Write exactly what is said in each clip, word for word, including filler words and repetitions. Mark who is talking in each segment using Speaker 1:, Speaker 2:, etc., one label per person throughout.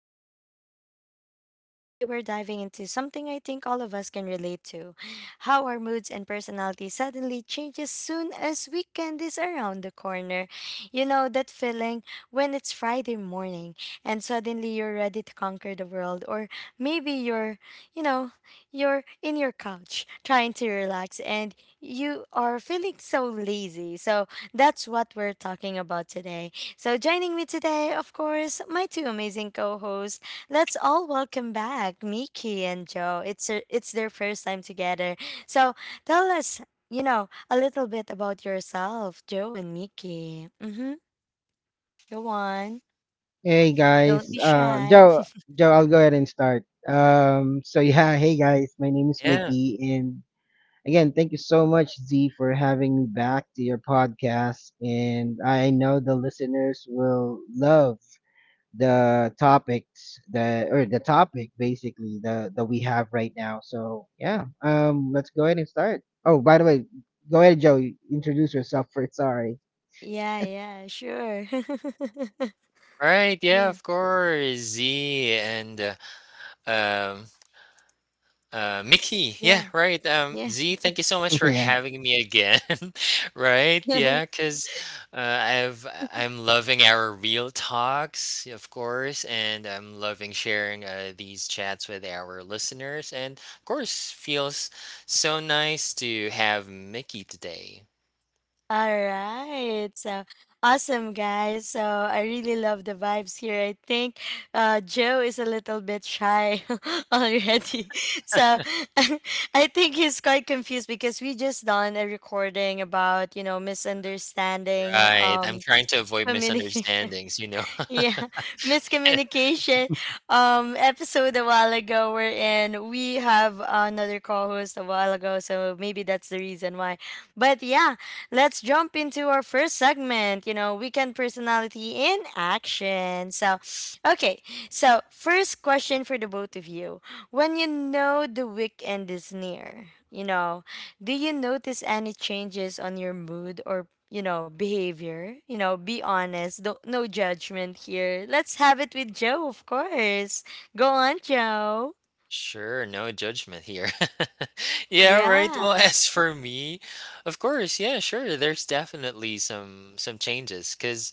Speaker 1: I'm your host, Zia, and today we're diving into something I think all of us can relate to: how our moods and personality suddenly change as soon as weekend is around the corner. You know, that feeling when it's Friday morning and suddenly you're ready to conquer the world, or maybe you're, you know, you're in your couch trying to relax and you are feeling so lazy. So that's what we're talking about today. So joining me today, of course, my two amazing co-hosts. Let's all welcome back Miki and Joe. It's a, it's their first time together. So tell us, you know, a little bit about yourself, Joe and Miki. Mm-hmm. Go on.
Speaker 2: Hey guys,
Speaker 1: Don't be
Speaker 2: uh,
Speaker 1: shy.
Speaker 2: Joe, Joe, I'll go ahead and start. Um, so yeah, hey guys, my name is
Speaker 3: Yeah,
Speaker 2: Mickey, and again, thank you so much, Z, for having me back to your podcast. And I know the listeners will love the topics that, or the topic basically the that we have right now. So yeah, um, let's go ahead and start. Oh, by the way, go ahead, Joe, introduce yourself first. Sorry.
Speaker 1: Yeah, yeah, sure.
Speaker 3: right. Yeah,
Speaker 1: yeah,
Speaker 3: of course. Z and uh, um uh Mickey. Yeah,
Speaker 1: yeah,
Speaker 3: right. Um Z, thank you so much for
Speaker 2: yeah.
Speaker 3: having me again. Right?
Speaker 1: yeah.
Speaker 3: Yeah, 'cause uh, I've I'm loving our real talks, of course, and I'm loving sharing uh, these chats with our listeners, and of course feels so nice to have Mickey today.
Speaker 1: All right. So awesome, guys. So I really love the vibes here. I think uh, Joe is a little bit shy already. So I think he's quite confused because we just done a recording about, you know, misunderstanding,
Speaker 3: Right. I'm
Speaker 1: um,
Speaker 3: trying to avoid
Speaker 1: communication.
Speaker 3: misunderstandings, you know.
Speaker 1: Yeah. Miscommunication um episode a while ago. We're we have another co-host a while ago, so maybe that's the reason why. But yeah, let's jump into our first segment, you know, weekend personality in action. So okay, so first question for the both of you: when you know the weekend is near, you know, do you notice any changes on your mood or, you know, behavior? You know, be honest. No, no judgment here. Let's have it with Joe, of course. Go on, Joe.
Speaker 3: Sure, no judgment here. Yeah, right. Well,
Speaker 1: Yeah.
Speaker 3: as for me, of course, yeah, sure. There's definitely some some changes 'cause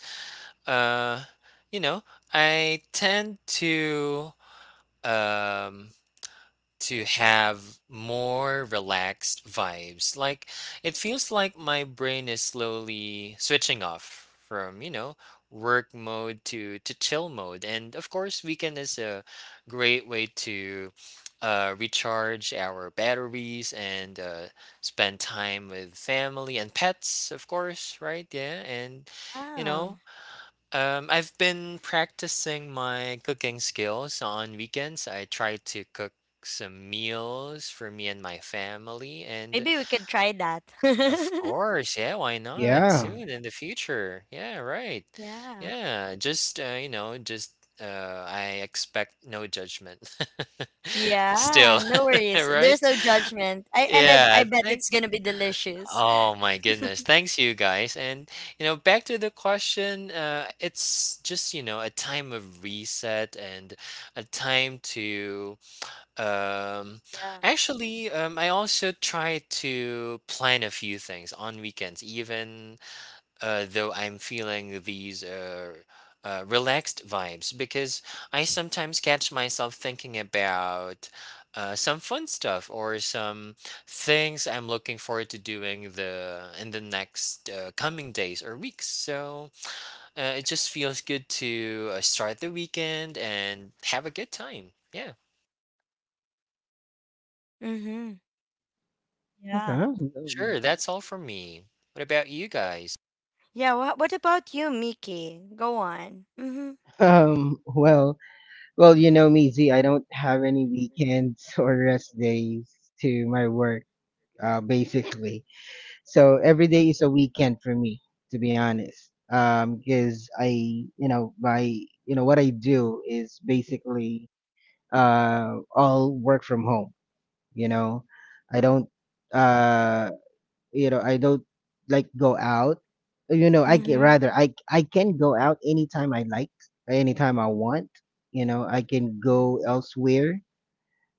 Speaker 3: uh, you know, I tend to um to have more relaxed vibes. Like it feels like my brain is slowly switching off from, you know, work mode to to chill mode. And of course, weekend is a great way to uh, recharge our batteries and uh, spend time with family and pets, of course, right? Yeah, and you
Speaker 1: Yeah.
Speaker 3: know, um, I've been practicing my cooking skills on weekends. I try to cook some meals for me and my family. And
Speaker 1: Maybe we could try that.
Speaker 3: of course, yeah, why not?
Speaker 2: Yeah.
Speaker 3: Soon in the future. Yeah, right.
Speaker 1: Yeah.
Speaker 3: Yeah, just, uh, you know, just uh, I expect no judgment.
Speaker 1: Yeah,
Speaker 3: Still,
Speaker 1: no worries.
Speaker 3: right?
Speaker 1: There's no judgment. I and I I
Speaker 3: Yeah,
Speaker 1: bet
Speaker 3: thank
Speaker 1: it's gonna be delicious.
Speaker 3: Oh my goodness. Thanks, you guys. And you know, back to the question, uh it's just, you know, a time of reset and a time to um
Speaker 1: Yeah.
Speaker 3: actually um I also try to plan a few things on weekends, even uh, though I'm feeling these uh, uh, relaxed vibes, because I sometimes catch myself thinking about uh, some fun stuff or some things I'm looking forward to doing the in the next uh, coming days or weeks. So uh, it just feels good to uh, start the weekend and have a good time. Yeah,
Speaker 1: Mm-hmm. Yeah.
Speaker 2: Okay.
Speaker 3: sure. That's all from me. What about you guys?
Speaker 1: Yeah. What What about you, Mickey? Go on. Mm-hmm.
Speaker 2: Um, well, Well, you know me, Z. I don't have any weekends or rest days to my work, uh, basically. So every day is a weekend for me, to be honest. Um, because I, you know, my, you know, what I do is basically, uh, all work from home. You know, I don't, uh, you know i don't like go out you know i can
Speaker 1: Mm-hmm.
Speaker 2: rather i i can go out anytime I like, anytime I want. You know, I can go elsewhere,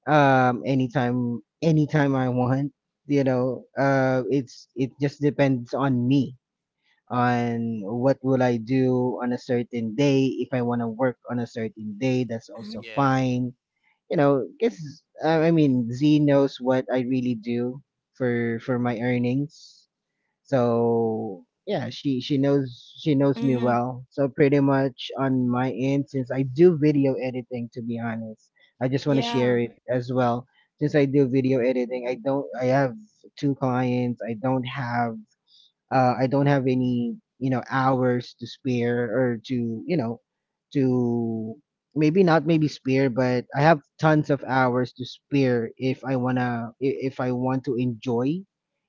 Speaker 2: um anytime, anytime I want. You know, uh it's, it just depends on me on what will I do on a certain day. If I want to work on a certain day, that's also
Speaker 1: Mm-hmm.
Speaker 3: Yeah.
Speaker 2: fine. You know, guess I I mean, Z knows what I really do for for my earnings. So yeah, she she knows, she knows me
Speaker 1: Mm-hmm.
Speaker 2: well. So pretty much on my end, since I do video editing, to be honest, I just want to share
Speaker 1: Yeah.
Speaker 2: it as well. Since I do video editing, I don't I have two clients. I don't have uh, I don't have any, you know, hours to spare or to, you know, to maybe not maybe spare, but I have tons of hours to spare if I wanna, i- if I want to enjoy,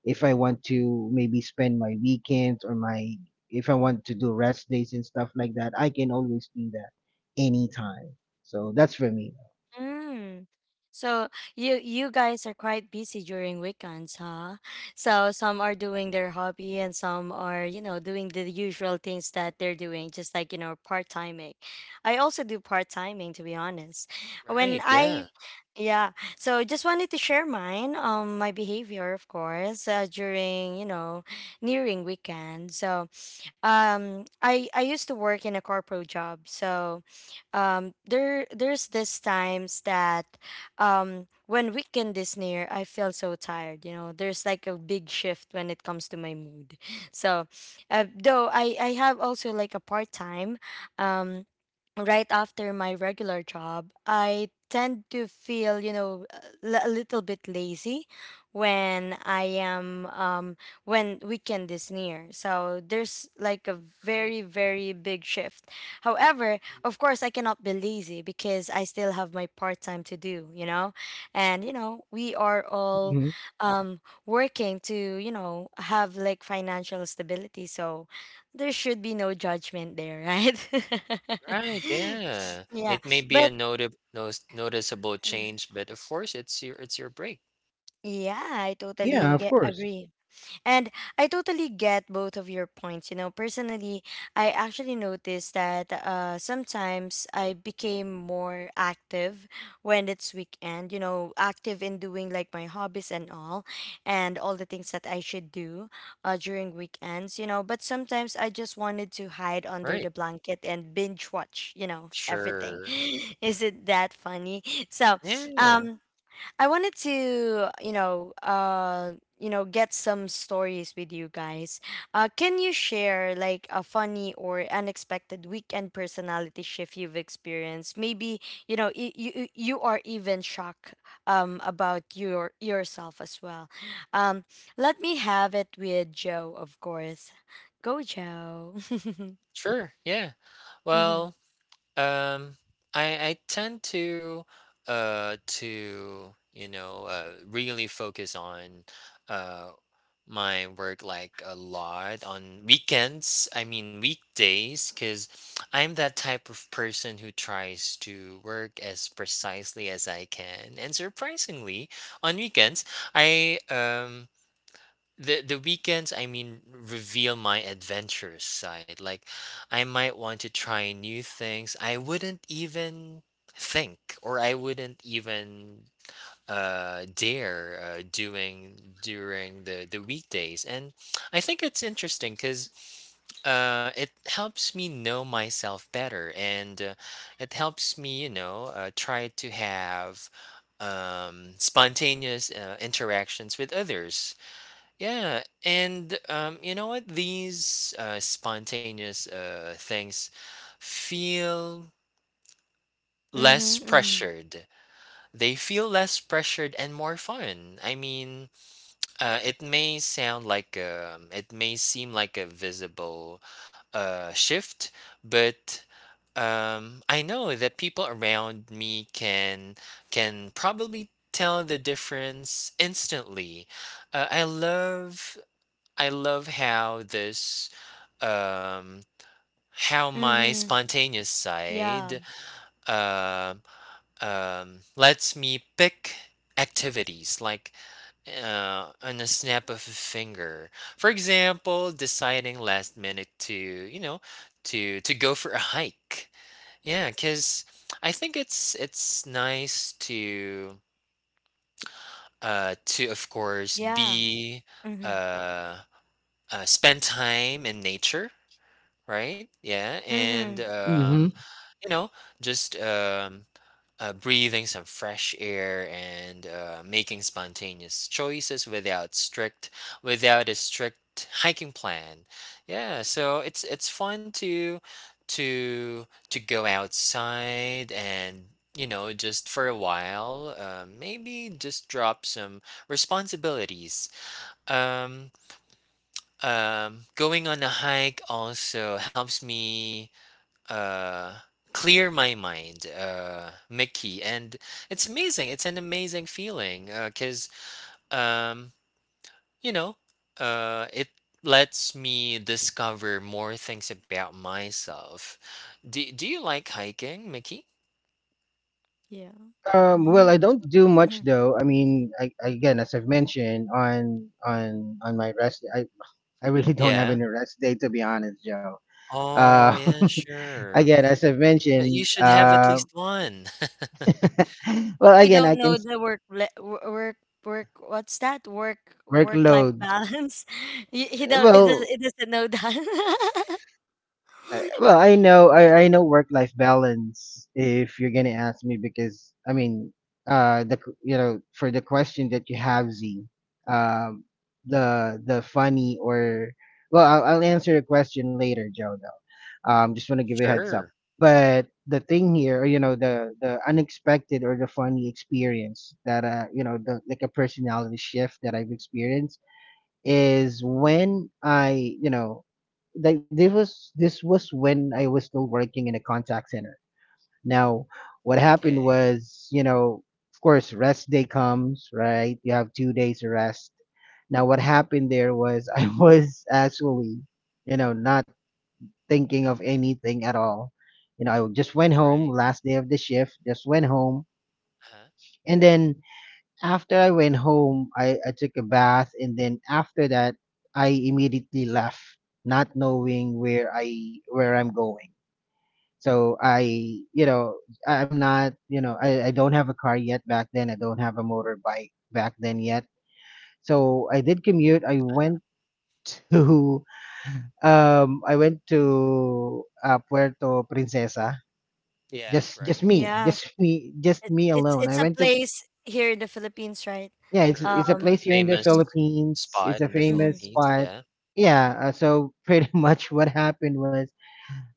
Speaker 2: if I want to maybe spend my weekends or my, if I want to do rest days and stuff like that, I can always do that anytime. So that's for me.
Speaker 1: Mm. So you you guys are quite busy during weekends, huh? So some are doing their hobby and some are, you know, doing the usual things that they're doing, just like, you know, part-timing. I also do part-timing, to be honest. When
Speaker 3: Right. Yeah.
Speaker 1: I, yeah, so just wanted to share mine, um my behavior, of course, uh, during, you know, nearing weekend. So um I I used to work in a corporate job. So um there there's this times that um when weekend is near, I feel so tired. You know, there's like a big shift when it comes to my mood. So uh, though i i have also like a part-time um right after my regular job, I tend to feel, you know, l- a little bit lazy when I am um when weekend is near. So there's like a
Speaker 3: Right.
Speaker 1: very, very big shift. However, of course I cannot be lazy because I still have my part time to do, you know. And you know, we are all
Speaker 2: Hmm
Speaker 1: um working to, you know, have like financial stability. So there should be no judgment there, right?
Speaker 3: Right, yeah.
Speaker 1: Yeah.
Speaker 3: It may be a
Speaker 1: But
Speaker 3: noti- nos- noticeable change, but of course it's your it's your break.
Speaker 1: yeah, I
Speaker 2: Yeah,
Speaker 1: totally
Speaker 2: of
Speaker 1: get
Speaker 2: course.
Speaker 1: agree. And I totally get both of your points. You know, personally, I actually noticed that uh, sometimes I became more active when it's weekend, you know, active in doing like my hobbies and all, and all the things that I should do uh, during weekends, you know. But sometimes I just wanted to hide under
Speaker 3: Right.
Speaker 1: the blanket and binge watch, you know, everything.
Speaker 3: Sure.
Speaker 1: Is it that funny? So,
Speaker 3: Yeah.
Speaker 1: um, I wanted to, you know, uh, you know, get some stories with you guys. Uh, can you share like a funny or unexpected weekend personality shift you've experienced? Maybe you know y- you you, you are even shocked um about your yourself as well. Um, let me have it with Joe, of course. Go, Joe. Mm-hmm.
Speaker 3: Sure. Yeah. Well, Um, I I tend to uh to you know uh really focus on uh my work like a lot on weekends. I mean weekdays, because I'm that type of person who tries to work as precisely as I can. And surprisingly, on weekends, I um the the weekends I mean reveal my adventurous side. Like I might want to try new things I wouldn't even think, or I wouldn't even uh dare uh, doing during the the weekdays. And I think it's interesting because uh, it helps me know myself better, and uh, it helps me you know uh, try to have um, spontaneous uh, interactions with others. Yeah, and um, you know what? These uh, spontaneous uh, things feel less
Speaker 1: Mm-hmm. Mm-hmm.
Speaker 3: pressured. They feel less pressured and more fun. I mean, uh, it may sound like um, it may seem like a visible uh, shift, but um, I know that people around me can can probably tell the difference instantly. Uh, I love I love how this, um, how my
Speaker 1: Mm-hmm.
Speaker 3: spontaneous
Speaker 1: Yeah.
Speaker 3: side, um, um, lets me pick activities like uh, on a snap of a finger. For example, deciding last minute to you know to to go for a hike. Yeah, because I think it's it's nice to uh, to of course
Speaker 1: Yeah.
Speaker 3: be
Speaker 1: Mm-hmm.
Speaker 3: uh, uh, spend time in nature, right? Yeah, and
Speaker 1: Mm-hmm.
Speaker 3: um,
Speaker 2: Hmm
Speaker 3: you know, just um, uh, breathing some fresh air and uh, making spontaneous choices without strict, without a strict hiking plan. Yeah, so it's it's fun to to to go outside and you know just for a while, uh, maybe just drop some responsibilities. um um Going on a hike also helps me uh clear my mind, uh Mickey, and it's amazing. It's an amazing feeling, uh because um you know, uh it lets me discover more things about myself. Do, do you like hiking, Mickey?
Speaker 1: Yeah.
Speaker 2: Um, well,
Speaker 1: Mm-hmm.
Speaker 2: I don't do much
Speaker 1: Mhm.
Speaker 2: though. I mean, I, again, as I've mentioned on on on my rest, I I really don't have
Speaker 3: Yeah.
Speaker 2: any rest day to be honest, Joe.
Speaker 3: Oh
Speaker 2: Uh,
Speaker 3: yeah, sure.
Speaker 2: again, as I've
Speaker 3: But you
Speaker 2: mentioned,
Speaker 3: should have at
Speaker 2: uh,
Speaker 3: least one.
Speaker 2: well,
Speaker 1: You
Speaker 2: again, I
Speaker 1: don't
Speaker 2: can
Speaker 1: know
Speaker 2: s-
Speaker 1: the work le- wo- work work what's that, work work life
Speaker 2: workloads.
Speaker 1: balance. He, he don't it
Speaker 2: Well,
Speaker 1: doesn't, It doesn't know that.
Speaker 2: I, well, I know I, I know work life balance if you're gonna ask me. Because I mean, uh the q- you know, for the question that you have, Z, um the the funny or, well, I'll, I'll answer a question later, Joe, though. Um just want to give you a heads up.
Speaker 3: Sure.
Speaker 2: But the thing here, you know, the the unexpected or the funny experience that uh you know the like a personality shift that I've experienced is when I, you know, like this was this was when I was still working in a contact center. Now, what happened
Speaker 3: Okay.
Speaker 2: was, you know, of course, rest day comes, right? You have two days of rest. Now, what happened there was I was actually, you know, not thinking of anything at all. You know, I just went home
Speaker 3: Right.
Speaker 2: last day of the shift, just went home,
Speaker 3: Uh-huh.
Speaker 2: and then after I went home, I, I took a bath, and then after that, I immediately left, not knowing where I where I'm going. So I, you know, I- I'm not, you know, I, I don't have a car yet back then. I don't have a motorbike back then yet. So I did commute. I went to, um, I went to uh, Puerto Princesa.
Speaker 3: Yeah,
Speaker 2: Just, just
Speaker 3: right.
Speaker 2: me,
Speaker 1: Yeah,
Speaker 2: just me, just
Speaker 1: it,
Speaker 2: me
Speaker 1: it's
Speaker 2: alone. I
Speaker 1: it's a
Speaker 2: went to.
Speaker 1: place here in the Philippines, right?
Speaker 2: Yeah, it's it's a
Speaker 3: Sure, a
Speaker 1: Um,
Speaker 2: place here in the
Speaker 1: mm,
Speaker 3: famous
Speaker 2: Philippines. It's
Speaker 3: spot
Speaker 2: a
Speaker 3: in the
Speaker 2: famous
Speaker 1: mhm.
Speaker 3: Philippines.
Speaker 2: spot.
Speaker 3: Yeah.
Speaker 2: Yeah, uh, so pretty much what happened was,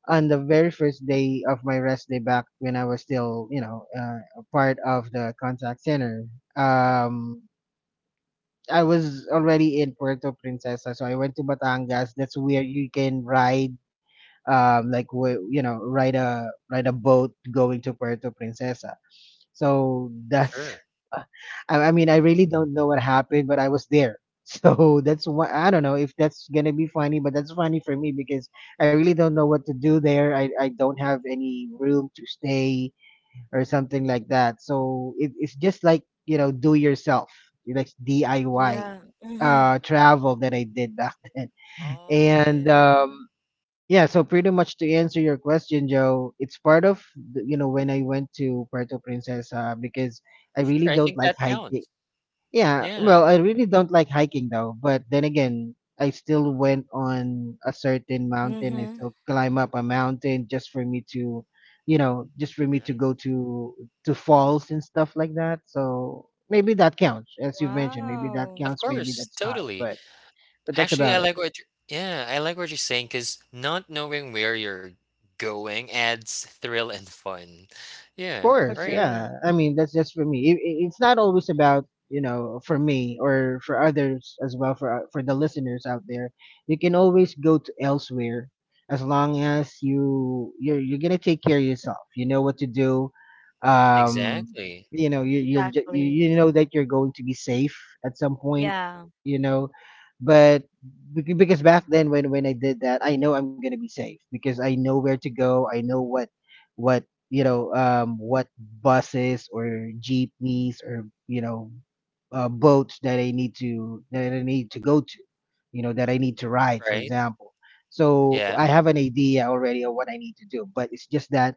Speaker 2: on the very first day of my rest day, back when I was still, you know, uh, a part of the contact center. Um, I was already in Puerto Princesa, so I went to Batangas. That's where you can ride, um, like wh- you know, ride a ride a boat going to Puerto Princesa. So that's,
Speaker 3: Sure.
Speaker 2: I, I mean, I really don't know what happened, but I was there. So that's why I don't know if that's gonna be funny, but that's funny for me because I really don't know what to do there. I, I don't have any room to stay or something like that. So it, it's just like you know, do yourself, like D I Y
Speaker 1: Yeah, mm-hmm,
Speaker 2: uh travel that I did back then.
Speaker 3: Oh, yeah.
Speaker 2: And um yeah, so pretty much to answer your question, Joe, it's part of the- you know when I went to Puerto Princesa because I
Speaker 3: Sure,
Speaker 2: really
Speaker 3: I
Speaker 2: don't
Speaker 3: think
Speaker 2: like
Speaker 3: that
Speaker 2: hiking.
Speaker 3: counts.
Speaker 2: Yeah,
Speaker 3: Yeah.
Speaker 2: well, I really don't like hiking though, but then again, I still went on a certain mountain. I
Speaker 1: mm-hmm.
Speaker 2: still climb up a mountain just for me to, you know, just for me to go
Speaker 3: Nice.
Speaker 2: to to falls and stuff like that. So maybe that counts, as you've mentioned. Maybe that
Speaker 1: Wow,
Speaker 3: Of
Speaker 2: counts. Maybe
Speaker 3: course,
Speaker 2: that's not.
Speaker 3: totally.
Speaker 2: But but that's
Speaker 3: Actually, I
Speaker 2: about it.
Speaker 3: like what you're yeah, I like what you're saying, because not knowing where you're going adds thrill and fun.
Speaker 2: Of
Speaker 3: Yeah,
Speaker 2: course,
Speaker 3: right.
Speaker 1: agree,
Speaker 2: yeah. I mean, that's just for me. It, it- it's not always about you know for me or for others as well for for the listeners out there. You can always go to elsewhere as long as you you're you're gonna take care of yourself. You know what to do. Um,
Speaker 3: Exactly.
Speaker 2: you know you you're, ju- you
Speaker 1: exactly.
Speaker 2: you know that you're going to be safe at some point.
Speaker 1: Yeah.
Speaker 2: You know, but bec- because back then when when I did that, I know I'm gonna be safe because I know where to go. I know what what you know um, what buses or jeepneys or you know uh, boats that I need to that I need to go to, you know that I need to ride, for
Speaker 3: Right?
Speaker 2: example. So I
Speaker 3: Yeah.
Speaker 2: have an idea already of what I need to do, but it's just that,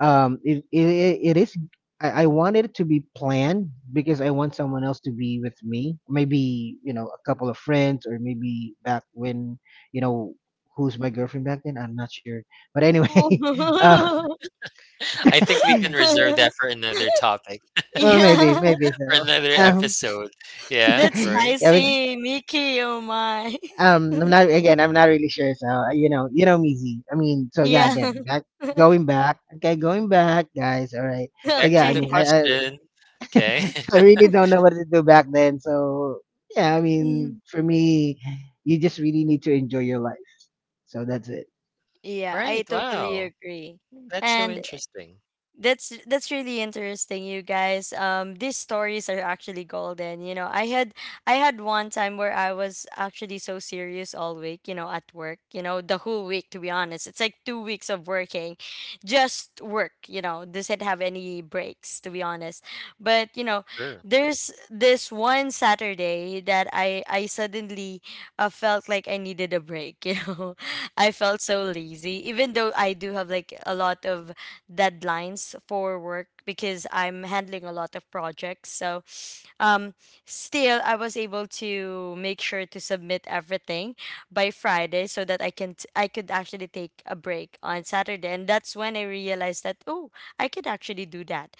Speaker 2: um, it, it it is, I, I wanted it to be planned because I want someone else to be with me, maybe you know a couple of friends or maybe back when, you know, who's my girlfriend back then, I'm not sure. But anyway, uh,
Speaker 1: Oh.
Speaker 3: I think we can reserve that for another topic,
Speaker 2: uh, maybe,
Speaker 1: Yeah.
Speaker 2: maybe
Speaker 3: for
Speaker 2: so.
Speaker 3: another
Speaker 2: Um,
Speaker 3: episode. Yeah,
Speaker 1: That's
Speaker 3: right.
Speaker 2: yeah, we,
Speaker 1: spicy, Mickey. Oh my.
Speaker 2: um, I'm not, again, I'm not really sure. So uh, you know, you know, me, Z. I mean, so yeah,
Speaker 1: Yeah.
Speaker 2: again, back, going back. Okay, going back, guys. All right. So
Speaker 3: Back
Speaker 2: yeah,
Speaker 3: to
Speaker 2: I
Speaker 3: the
Speaker 2: mean,
Speaker 1: Okay.
Speaker 2: I,
Speaker 3: question.
Speaker 2: I,
Speaker 3: Okay.
Speaker 2: so I really don't know what to do back then. So yeah, I mean,
Speaker 1: Mhm.
Speaker 2: for me, you just really need to enjoy your life. So that's it.
Speaker 1: Yeah,
Speaker 3: Right.
Speaker 1: I totally
Speaker 3: Wow.
Speaker 1: agree.
Speaker 3: That's so
Speaker 1: And
Speaker 3: interesting.
Speaker 1: That's that's really interesting, you guys. Um, these stories are actually golden. You know, I had I had one time where I was actually so serious all week. You know, at work. You know, the whole week. To be honest, it's like two weeks of working, just work. You know, doesn't have any breaks. To be honest, but you know,
Speaker 3: Sure.
Speaker 1: there's this one Saturday that I I suddenly uh, felt like I needed a break. You know, I felt so lazy, even though I do have like a lot of deadlines for work because I'm handling a lot of projects. So um, still, I was able to make sure to submit everything by Friday so that I can t- I could actually take a break on Saturday, and that's when I realized that, oh, I could actually do that.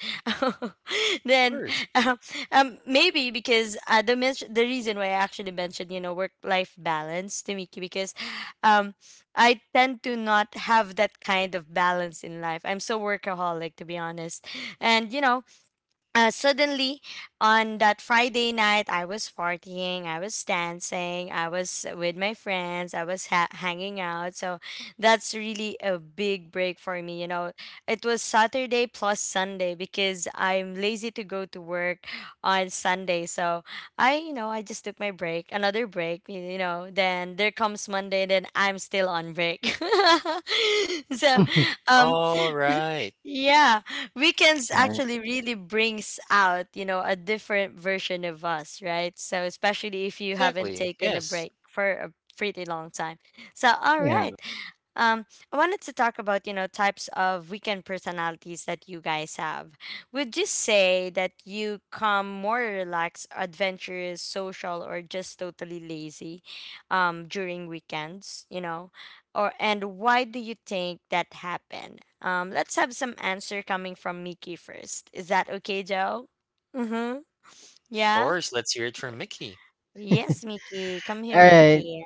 Speaker 3: Of
Speaker 1: Then
Speaker 3: course.
Speaker 1: um, um, maybe because uh, the men- the reason why I actually mentioned, you know, work life balance to Miki because um I tend to not have that kind of balance in life. I'm so workaholic, to be honest. And, you know, uh,
Speaker 3: Sure.
Speaker 1: suddenly on that Friday night, I was partying, I was dancing, I was with my friends, I was ha- hanging out. So that's really a big break for me. You know, it was Saturday plus Sunday because I'm lazy to go to work on Sunday. So I, you know, I just took my break, another break, y- you know, then there comes Monday, then I'm still on break. So,
Speaker 2: All
Speaker 1: um,
Speaker 3: All right.
Speaker 1: yeah, weekends
Speaker 2: right.
Speaker 1: actually really brings out, you know, a different version of us, right? So especially if you haven't
Speaker 3: Exactly.
Speaker 1: taken a
Speaker 3: Yes.
Speaker 1: break for a pretty long time. So all
Speaker 2: Yeah.
Speaker 1: right. Um, I wanted to talk about, you know, types of weekend personalities that you guys have. Would you say that you come more relaxed, adventurous, social, or just totally lazy um, during weekends, you know? Or and why do you think that happened? Um, let's have some answer coming from Miki first. Is that okay, Joe? Mm-hmm.
Speaker 3: Of
Speaker 1: Yeah?
Speaker 3: course. Let's hear it from Mickey.
Speaker 1: Yes, Miki. Come
Speaker 2: All
Speaker 1: here,
Speaker 2: right.
Speaker 1: Miki.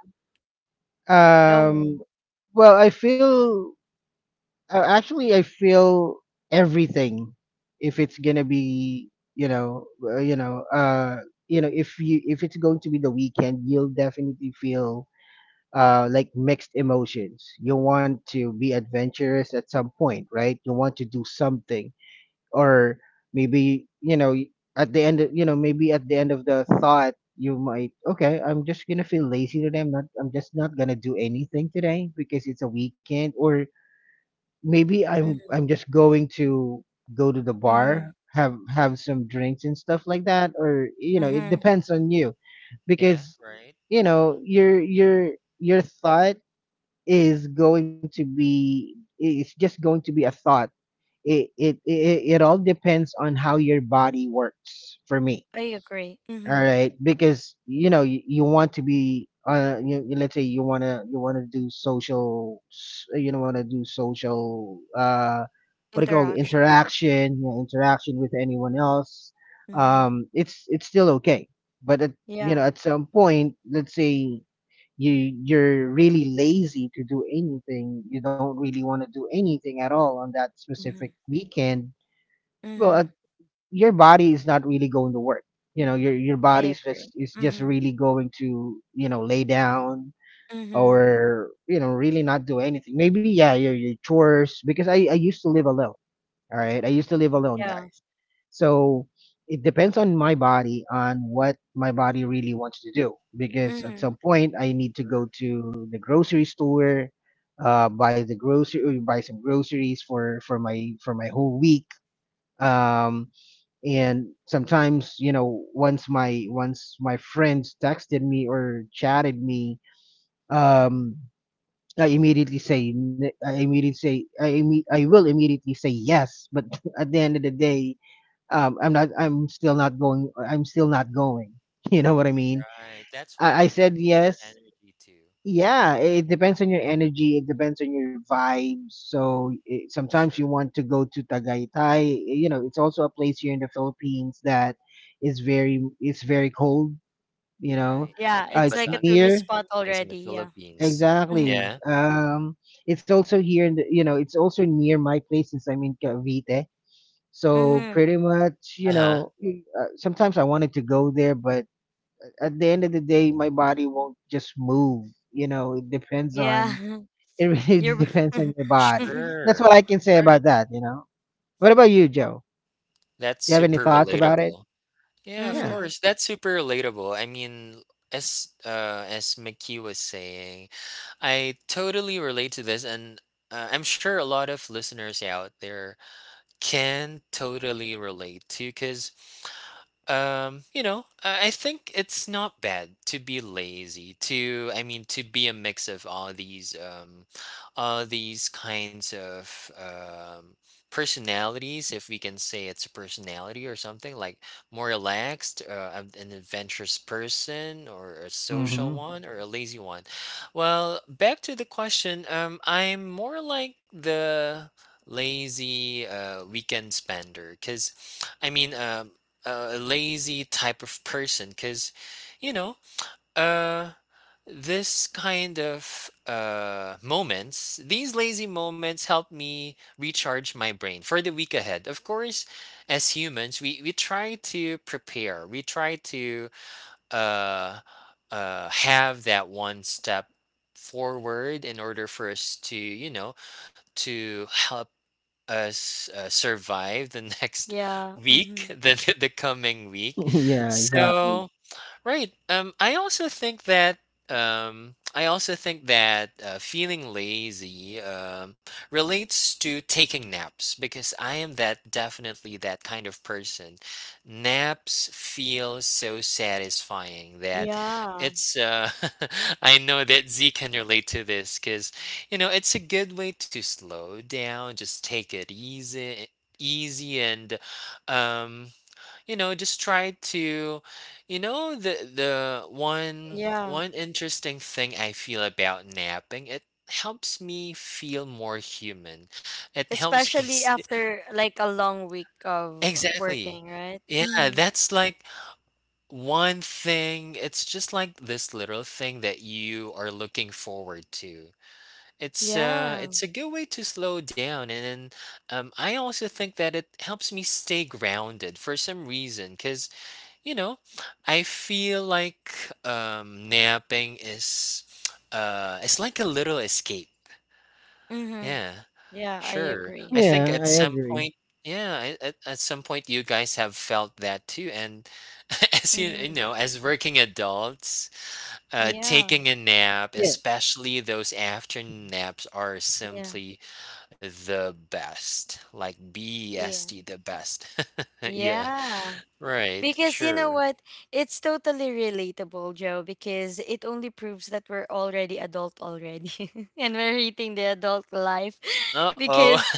Speaker 1: Go
Speaker 2: Um.
Speaker 1: on.
Speaker 2: Well, I feel. Uh, actually, I feel everything. If it's gonna be, you know, uh, you know, uh, you know, if you, if it's going to be the weekend, you'll definitely feel uh like mixed emotions. You want to be adventurous at some point, right? You want to do something, or maybe you know, at the end, of, you know, maybe at the end of the thought, you might okay, I'm just gonna feel lazy today. I'm not, I'm just not gonna do anything today because it's a weekend, or maybe I'm
Speaker 1: Mm-hmm.
Speaker 2: I'm just going to go to the bar,
Speaker 1: Mm-hmm.
Speaker 2: have have some drinks and stuff like that, or you know, it depends on you
Speaker 3: Yeah.
Speaker 2: because
Speaker 3: Right.
Speaker 2: you know
Speaker 3: Hmm.
Speaker 2: your your your thought is going to be, i- it's just going to be a thought. It it it, it all depends on how your body works for me.
Speaker 1: I agree.
Speaker 2: All
Speaker 1: Mm-hmm.
Speaker 2: right, because you know you, you want to be uh you, you- let's say you wanna you wanna do social s- you know wanna do social uh what do you call it,
Speaker 1: Interaction.
Speaker 2: interaction, you know, interaction with anyone else,
Speaker 1: Mm-hmm.
Speaker 2: um it's it's still okay. But at, you
Speaker 1: Yeah.
Speaker 2: know, at some point, let's say you you're really lazy to do anything, you don't really want to do anything at all on that specific
Speaker 1: Mm-hmm.
Speaker 2: weekend. well
Speaker 1: Mm-hmm.
Speaker 2: at your body is not really going to work. You know, your your body
Speaker 1: I
Speaker 2: is just
Speaker 1: agree.
Speaker 2: is just
Speaker 1: Mm-hmm.
Speaker 2: really going to you know lay down,
Speaker 1: Mm-hmm.
Speaker 2: or you know really not do anything. Maybe yeah, your your chores because I I used to live alone. All right, I used to live alone,
Speaker 1: Yeah.
Speaker 2: guys. So it depends on my body on what my body really wants to do, because at
Speaker 1: Mm-hmm.
Speaker 2: some point I need to go
Speaker 3: Sure.
Speaker 2: to the grocery store. Uh, buy the grocery, buy some groceries for for my for my whole week. Um, and sometimes you know once my once my friends texted me or chatted me um I immediately say n- I immediately say I imme- I will immediately say yes, but at the end of the day, um I'm not, i'm still not going I'm still not going. You know what I mean?
Speaker 3: Right. That's why it
Speaker 2: i, I said
Speaker 3: depends on your
Speaker 2: yes.
Speaker 3: energy too.
Speaker 2: Yeah, it depends on your energy. It depends on your vibes. So it, sometimes you
Speaker 3: Sure.
Speaker 2: want to go to Tagaytay. eh, You know, it's also a place here in the Philippines that is very, it's very cold. You know,
Speaker 3: Right.
Speaker 1: Yeah.
Speaker 2: uh,
Speaker 3: Same
Speaker 1: It's
Speaker 3: with
Speaker 2: it's
Speaker 1: like a
Speaker 3: Batangas,
Speaker 1: tourist
Speaker 2: near.
Speaker 1: spot
Speaker 3: place in the
Speaker 1: already. Yeah.
Speaker 3: Philippines.
Speaker 1: Mm-hmm.
Speaker 2: Exactly.
Speaker 3: Yeah.
Speaker 2: Um, it's also here in the you know, it's also near my place since I'm in Cavite. So
Speaker 1: Mm-hmm.
Speaker 2: pretty much, you
Speaker 3: Uh huh.
Speaker 2: know, y- uh, sometimes I wanted to go there, but at the end of the day, my body won't just move. You know, it depends on,
Speaker 1: Yeah.
Speaker 2: it really
Speaker 1: You're.
Speaker 2: depends on your body. That's what
Speaker 3: Sure.
Speaker 2: I can say
Speaker 3: Right.
Speaker 2: about that, you know. What about you, Joe?
Speaker 3: That's
Speaker 2: Do you have any
Speaker 3: super
Speaker 2: thoughts about it?
Speaker 3: relatable. Yeah. Of
Speaker 2: Yeah.
Speaker 1: Mm-hmm.
Speaker 3: course. That's super relatable. I mean, as uh as Mickey was saying, I totally relate to this, and uh, I'm sure a lot of listeners out there can totally relate to, because um, you know, I I think it's not bad to be lazy, to I mean to be a mix of all these um all these kinds of um personalities, if we can say it's a personality or something, like more relaxed, uh, an an adventurous person, or a social
Speaker 2: Mm-hmm.
Speaker 3: one, or a lazy one. Well, back to the question, um I'm more like the lazy uh weekend spender because I mean, um a lazy type of person, because you know uh this kind of uh moments, these lazy moments help me recharge my brain for the week ahead. Of course, as humans we we try to prepare, we try to uh uh have that one step forward in order for us to you know to help uh, s- uh, survive the next
Speaker 1: Yeah.
Speaker 3: week,
Speaker 1: Mm-hmm.
Speaker 3: the, the the coming week.
Speaker 2: yeah, exactly.
Speaker 3: So right. Um, I also think that um, I also think that uh, feeling lazy um, relates to taking naps, because I am that definitely that kind of person. Naps feel so satisfying that
Speaker 1: Yeah.
Speaker 3: it's. Uh, I know that Z can relate to this, because you know it's a good way to slow down, just take it easy, easy, and um, you know just try to you know the the one
Speaker 1: Yeah.
Speaker 3: one interesting thing I feel about napping, it helps me feel more human. It helps me
Speaker 1: Especially
Speaker 3: st-
Speaker 1: after like a long week of
Speaker 3: exactly.
Speaker 1: working, right?
Speaker 3: Yeah,
Speaker 1: Mm-hmm.
Speaker 3: that's like one thing. It's just like this little thing that you are looking forward to. It's uh
Speaker 1: Yeah.
Speaker 3: it's a good way to slow down, and then um I also think that it helps me stay grounded for some reason, cuz you know, I feel like um, napping is uh, it's like a little escape.
Speaker 1: Mm-hmm.
Speaker 3: Yeah,
Speaker 1: Yeah. I
Speaker 3: sure. I
Speaker 1: agree.
Speaker 3: think
Speaker 2: Yeah,
Speaker 3: at
Speaker 2: I
Speaker 3: some
Speaker 2: agree.
Speaker 3: point, yeah, I- at, at some point you guys have felt that too. And as you, you
Speaker 1: Mm-hmm.
Speaker 3: know, as working adults, uh,
Speaker 1: Yeah.
Speaker 3: taking a nap,
Speaker 2: Yeah,
Speaker 3: especially those afternoon naps, are
Speaker 1: Yeah.
Speaker 3: simply the best. Like
Speaker 1: Yeah.
Speaker 3: BEST, the best. Yeah,
Speaker 1: Yeah.
Speaker 3: right,
Speaker 1: Because you know
Speaker 3: sure.
Speaker 1: what? It's totally relatable, Joe, because it only proves that we're already adult already. And we're eating the adult life
Speaker 3: Uh-oh.
Speaker 1: because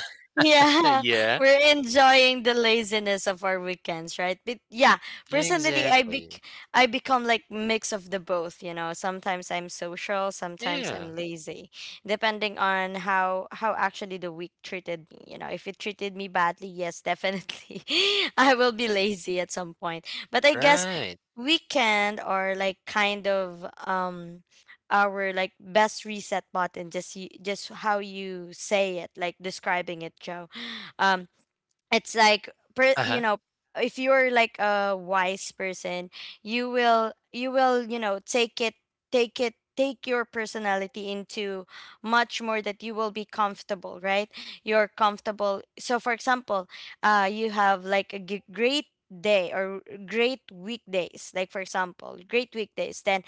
Speaker 1: yeah,
Speaker 3: yeah,
Speaker 1: we're enjoying the laziness of our weekends, right? But yeah, personally I
Speaker 3: exactly.
Speaker 1: bec- I become like mix of the both, you know. Sometimes I'm social, sometimes
Speaker 3: Yeah,
Speaker 1: I'm lazy depending on how how actually the week treated me. You know, if it treated me badly, yes, definitely, I will be lazy at some point. But I guess
Speaker 3: right.
Speaker 1: weekend or like kind of um our like best reset button, just you, just how you say it, like describing it, Joe. Um, it's like, per, you
Speaker 3: Uh-huh.
Speaker 1: know, if you're like a wise person, you will you will you know take it, take it, take your personality into much more that you will be comfortable, right? You're comfortable. So for example, uh you have like a g- great day or great weekdays, like for example great weekdays, then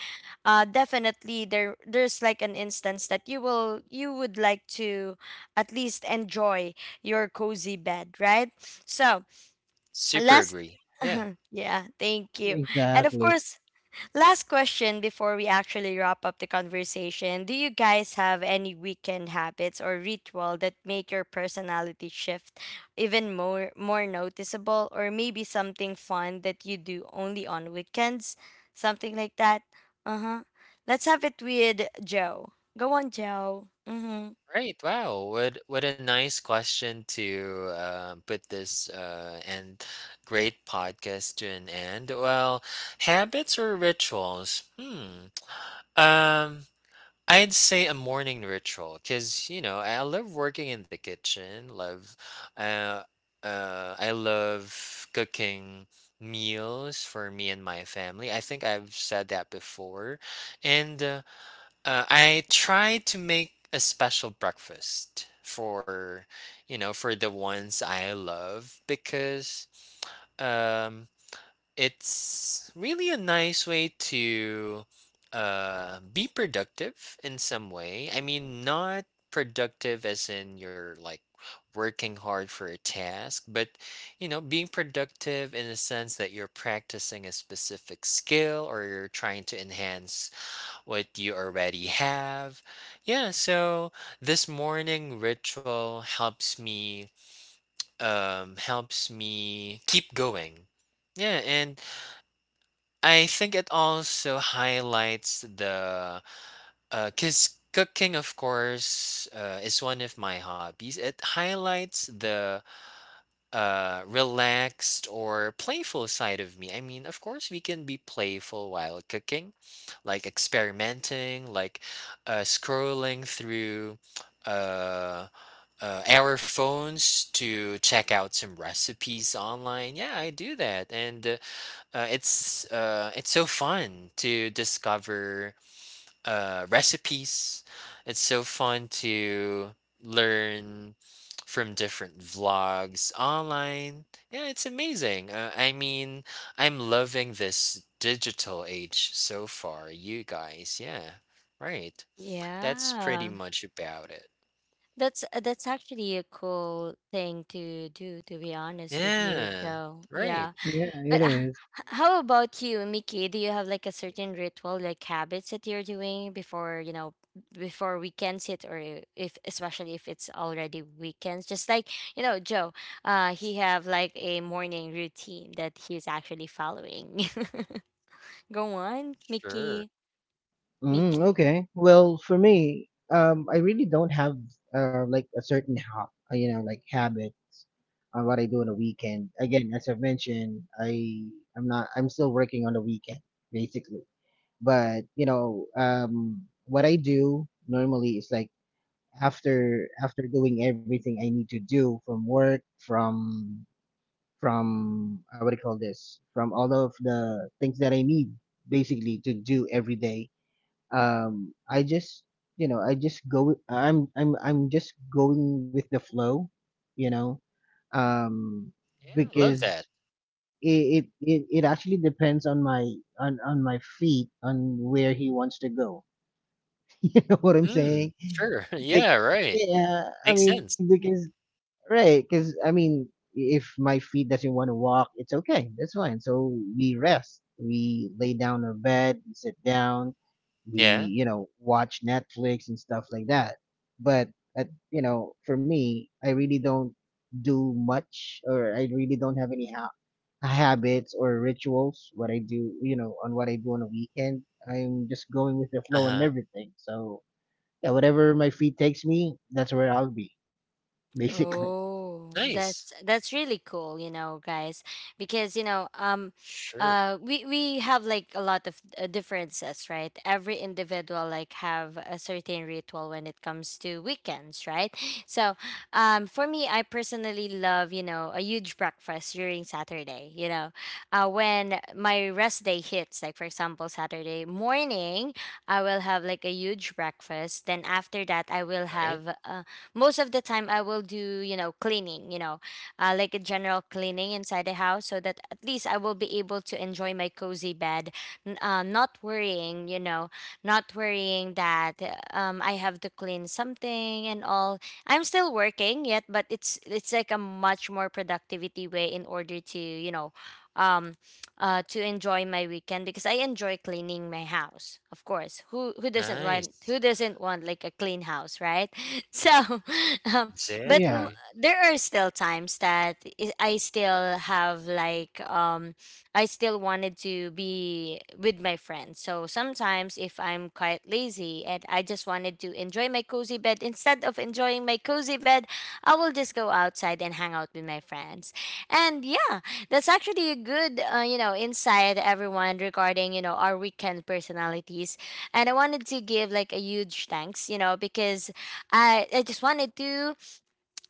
Speaker 1: uh definitely there there's like an instance that you will you would like to at least enjoy your cozy bed, right? So,
Speaker 3: Super
Speaker 1: last
Speaker 3: agree. Yeah.
Speaker 1: yeah, thank you. And of
Speaker 2: exactly.
Speaker 1: course, last question before we actually wrap up the conversation. Do you guys have any weekend habits or ritual that make your personality shift even more more noticeable or maybe something fun that you do only on weekends? Something like that? Uh-huh. Let's have it with Joe. Go on, Joe. Mhm.
Speaker 3: Right. Wow. What what a nice question to uh, put this uh, and great podcast to an end. Well, habits or rituals? Hmm. Um I'd say a morning ritual, because you know I love working in the kitchen. Love, uh, uh, I love cooking meals for me and my family. I think I've said that before, and uh, uh, I try to make a special breakfast for you know for the ones I love, because um it's really a nice way to uh, be productive in some way. I mean, not productive as in you're like working hard for a task, but you know, being productive in the sense that you're practicing a specific skill or you're trying to enhance what you already have. Yeah, so this morning ritual helps me um helps me keep going. Yeah, and I think it also highlights the, because cooking, of course, uh, is one of my hobbies. It highlights the uh, relaxed or playful side of me. I mean, of course, we can be playful while cooking, like experimenting, like uh, scrolling through. Uh, uh, our phones to check out some recipes online. Yeah, I do that, and uh, uh, it's uh, it's so fun to discover uh, recipes. It's so fun to learn from different vlogs online. Yeah, it's amazing. Uh, I mean, I'm loving this digital age so far, you guys. Yeah, right. That's pretty
Speaker 1: Yeah.
Speaker 3: much about it.
Speaker 1: That's uh, that's actually a cool thing to do, to be honest with you,
Speaker 3: Yeah,
Speaker 1: Joe.
Speaker 3: right.
Speaker 1: Yeah.
Speaker 2: Yeah, it
Speaker 1: But uh,
Speaker 2: is.
Speaker 1: h- how about you, Mickey? Do you have like a certain ritual, like habits that you're doing before, you know, before weekends hit or if especially if it's already weekends? Just like, you know, Joe, uh he have like a morning routine that he's actually following. Go on,
Speaker 3: Sure.
Speaker 1: Mickey.
Speaker 2: Mm,
Speaker 1: Mickey.
Speaker 2: okay. Well, for me, um, I really don't have uh, like a certain ho- uh, you know, like habit on what I do on a weekend. Again, as I've mentioned, I I'm not, I'm still working on the weekend basically. But you know um what I do normally is like after, after doing everything I need to do from work, from from uh, what do you call this, from all of the things that I need basically to do every day, um I just, you know, I just go with- i'm i'm I'm just going with the flow, you know. um
Speaker 3: Yeah, love that.
Speaker 2: because it it it, it actually depends on my, on on my feet, on where he wants to go. You know what I'm saying?
Speaker 3: Mm, sure.
Speaker 2: Bec-
Speaker 3: Yeah, right.
Speaker 2: yeah, I
Speaker 3: Makes
Speaker 2: mean
Speaker 3: sense.
Speaker 2: because, right, because I mean, if my feet doesn't want to walk, it's okay. That's fine. So we rest. We lay down on a bed, we sit down,
Speaker 3: Yeah.
Speaker 2: we you know watch Netflix and stuff like that. But at, you know, for me, I really don't do much, or I really don't have any ha- habits or rituals. What I do, you know, on what I do on a weekend, I'm just going with the
Speaker 3: Uh
Speaker 2: flow and
Speaker 3: huh.
Speaker 2: everything. So yeah, whatever my feet takes me, that's where I'll be, basically.
Speaker 1: Oh,
Speaker 3: Nice.
Speaker 1: that's that's really cool, you know, guys, because you know, um,
Speaker 3: Sure,
Speaker 1: uh, we we have like a lot of uh, differences, right? Every individual like have a certain ritual when it comes to weekends, right? So, um, for me, I personally love, you know, a huge breakfast during Saturday, you know, uh, when my rest day hits, like for example Saturday morning, I will have like a huge breakfast. Then after that, I will
Speaker 3: right?
Speaker 1: have uh, most of the time I will do, you know, cleaning, you know, uh, like a general cleaning inside the house so that at least I will be able to enjoy my cozy bed, n- uh, not worrying, you know, not worrying that uh, um, I have to clean something and all. I'm still working yet, but it's it's like a much more productivity way in order to, you know, um uh to enjoy my weekend because I enjoy cleaning my house. Of course. Who who doesn't want who
Speaker 3: Nice.
Speaker 1: doesn't want like a clean house, right? So um, but m-
Speaker 2: Yeah.
Speaker 3: Exactly.
Speaker 1: there are still times that i I still have like um I still wanted to be with my friends, so sometimes if I'm quite lazy and I just wanted to enjoy my cozy bed, instead of enjoying my cozy bed, I will just go outside and hang out with my friends. And yeah, that's actually a good uh, you know, insight everyone regarding, you know, our weekend personalities. And I wanted to give like a huge thanks, you know, because I, I just wanted to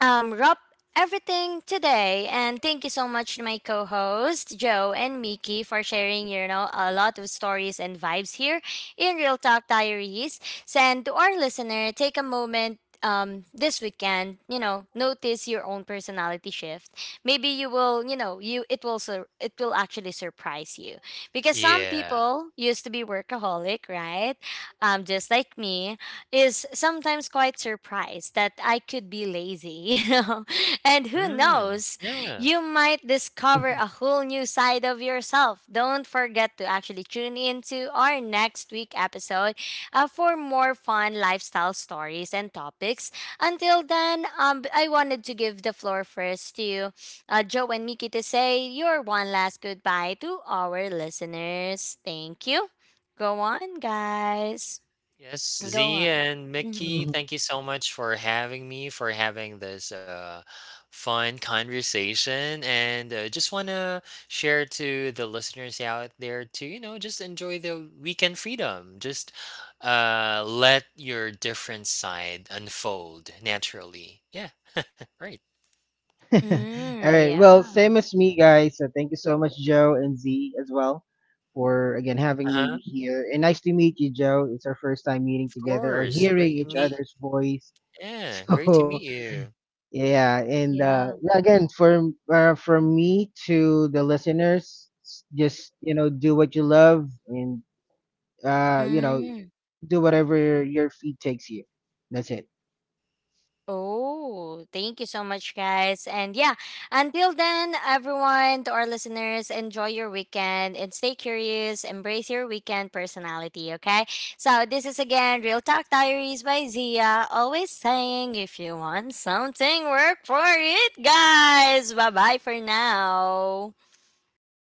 Speaker 1: um, wrap everything today, and thank you so much to my co-host Joe and Miki for sharing, you know, a lot of stories and vibes here in Real Talk Diaries. So, and to our listener, take a moment, um, this weekend, you know, notice your own personality shift. Maybe you will, you know, you it will sur- it will actually surprise you because some
Speaker 3: Yeah.
Speaker 1: people used to be workaholic, right? Um, just like me, is sometimes quite surprised that I could be lazy, you know. And who
Speaker 3: Mm,
Speaker 1: knows,
Speaker 3: yeah.
Speaker 1: you might discover
Speaker 2: Mhm.
Speaker 1: a whole new side of yourself. Don't forget to actually tune into our next week episode uh, for more fun lifestyle stories and topics. Until then, um, b- I wanted to give the floor first to uh, Joe and Miki to say your one last goodbye to our listeners. Thank you. Go on, guys.
Speaker 3: Yes,
Speaker 1: Go
Speaker 3: Z
Speaker 1: on.
Speaker 3: and
Speaker 1: Mhm.
Speaker 3: Mickey, thank you so much for having me, for having this uh, fun conversation. And uh, just want to share to the listeners out there to, you know, just enjoy the weekend freedom. Just uh, let your different side unfold naturally. Yeah, right.
Speaker 2: All
Speaker 1: Mm,
Speaker 2: right. Well,
Speaker 1: yeah.
Speaker 2: same as me, guys. So thank you so much, Joe and Z, as well, for again having
Speaker 3: Uh-huh.
Speaker 2: me here. And nice to meet you, Joe. It's our first time meeting
Speaker 3: Of
Speaker 2: together or
Speaker 3: course.
Speaker 2: hearing
Speaker 3: Great.
Speaker 2: each
Speaker 3: Me,
Speaker 2: other's voice.
Speaker 3: yeah, great to
Speaker 2: So
Speaker 3: meet you.
Speaker 2: yeah, and uh,
Speaker 1: Yeah.
Speaker 2: yeah, again, for uh, from me to the listeners, s- just you know, do what you love, and uh, you know,
Speaker 1: Mm.
Speaker 2: do whatever your feed takes you. That's it.
Speaker 1: Oh, thank you so much, guys. And yeah, until then, everyone, to our listeners, enjoy your weekend and stay curious. Embrace your weekend personality, okay? So, this is again Real Talk Diaries by Zia. Always saying, if you want something, work for it, guys. Bye bye for now.
Speaker 3: Bye,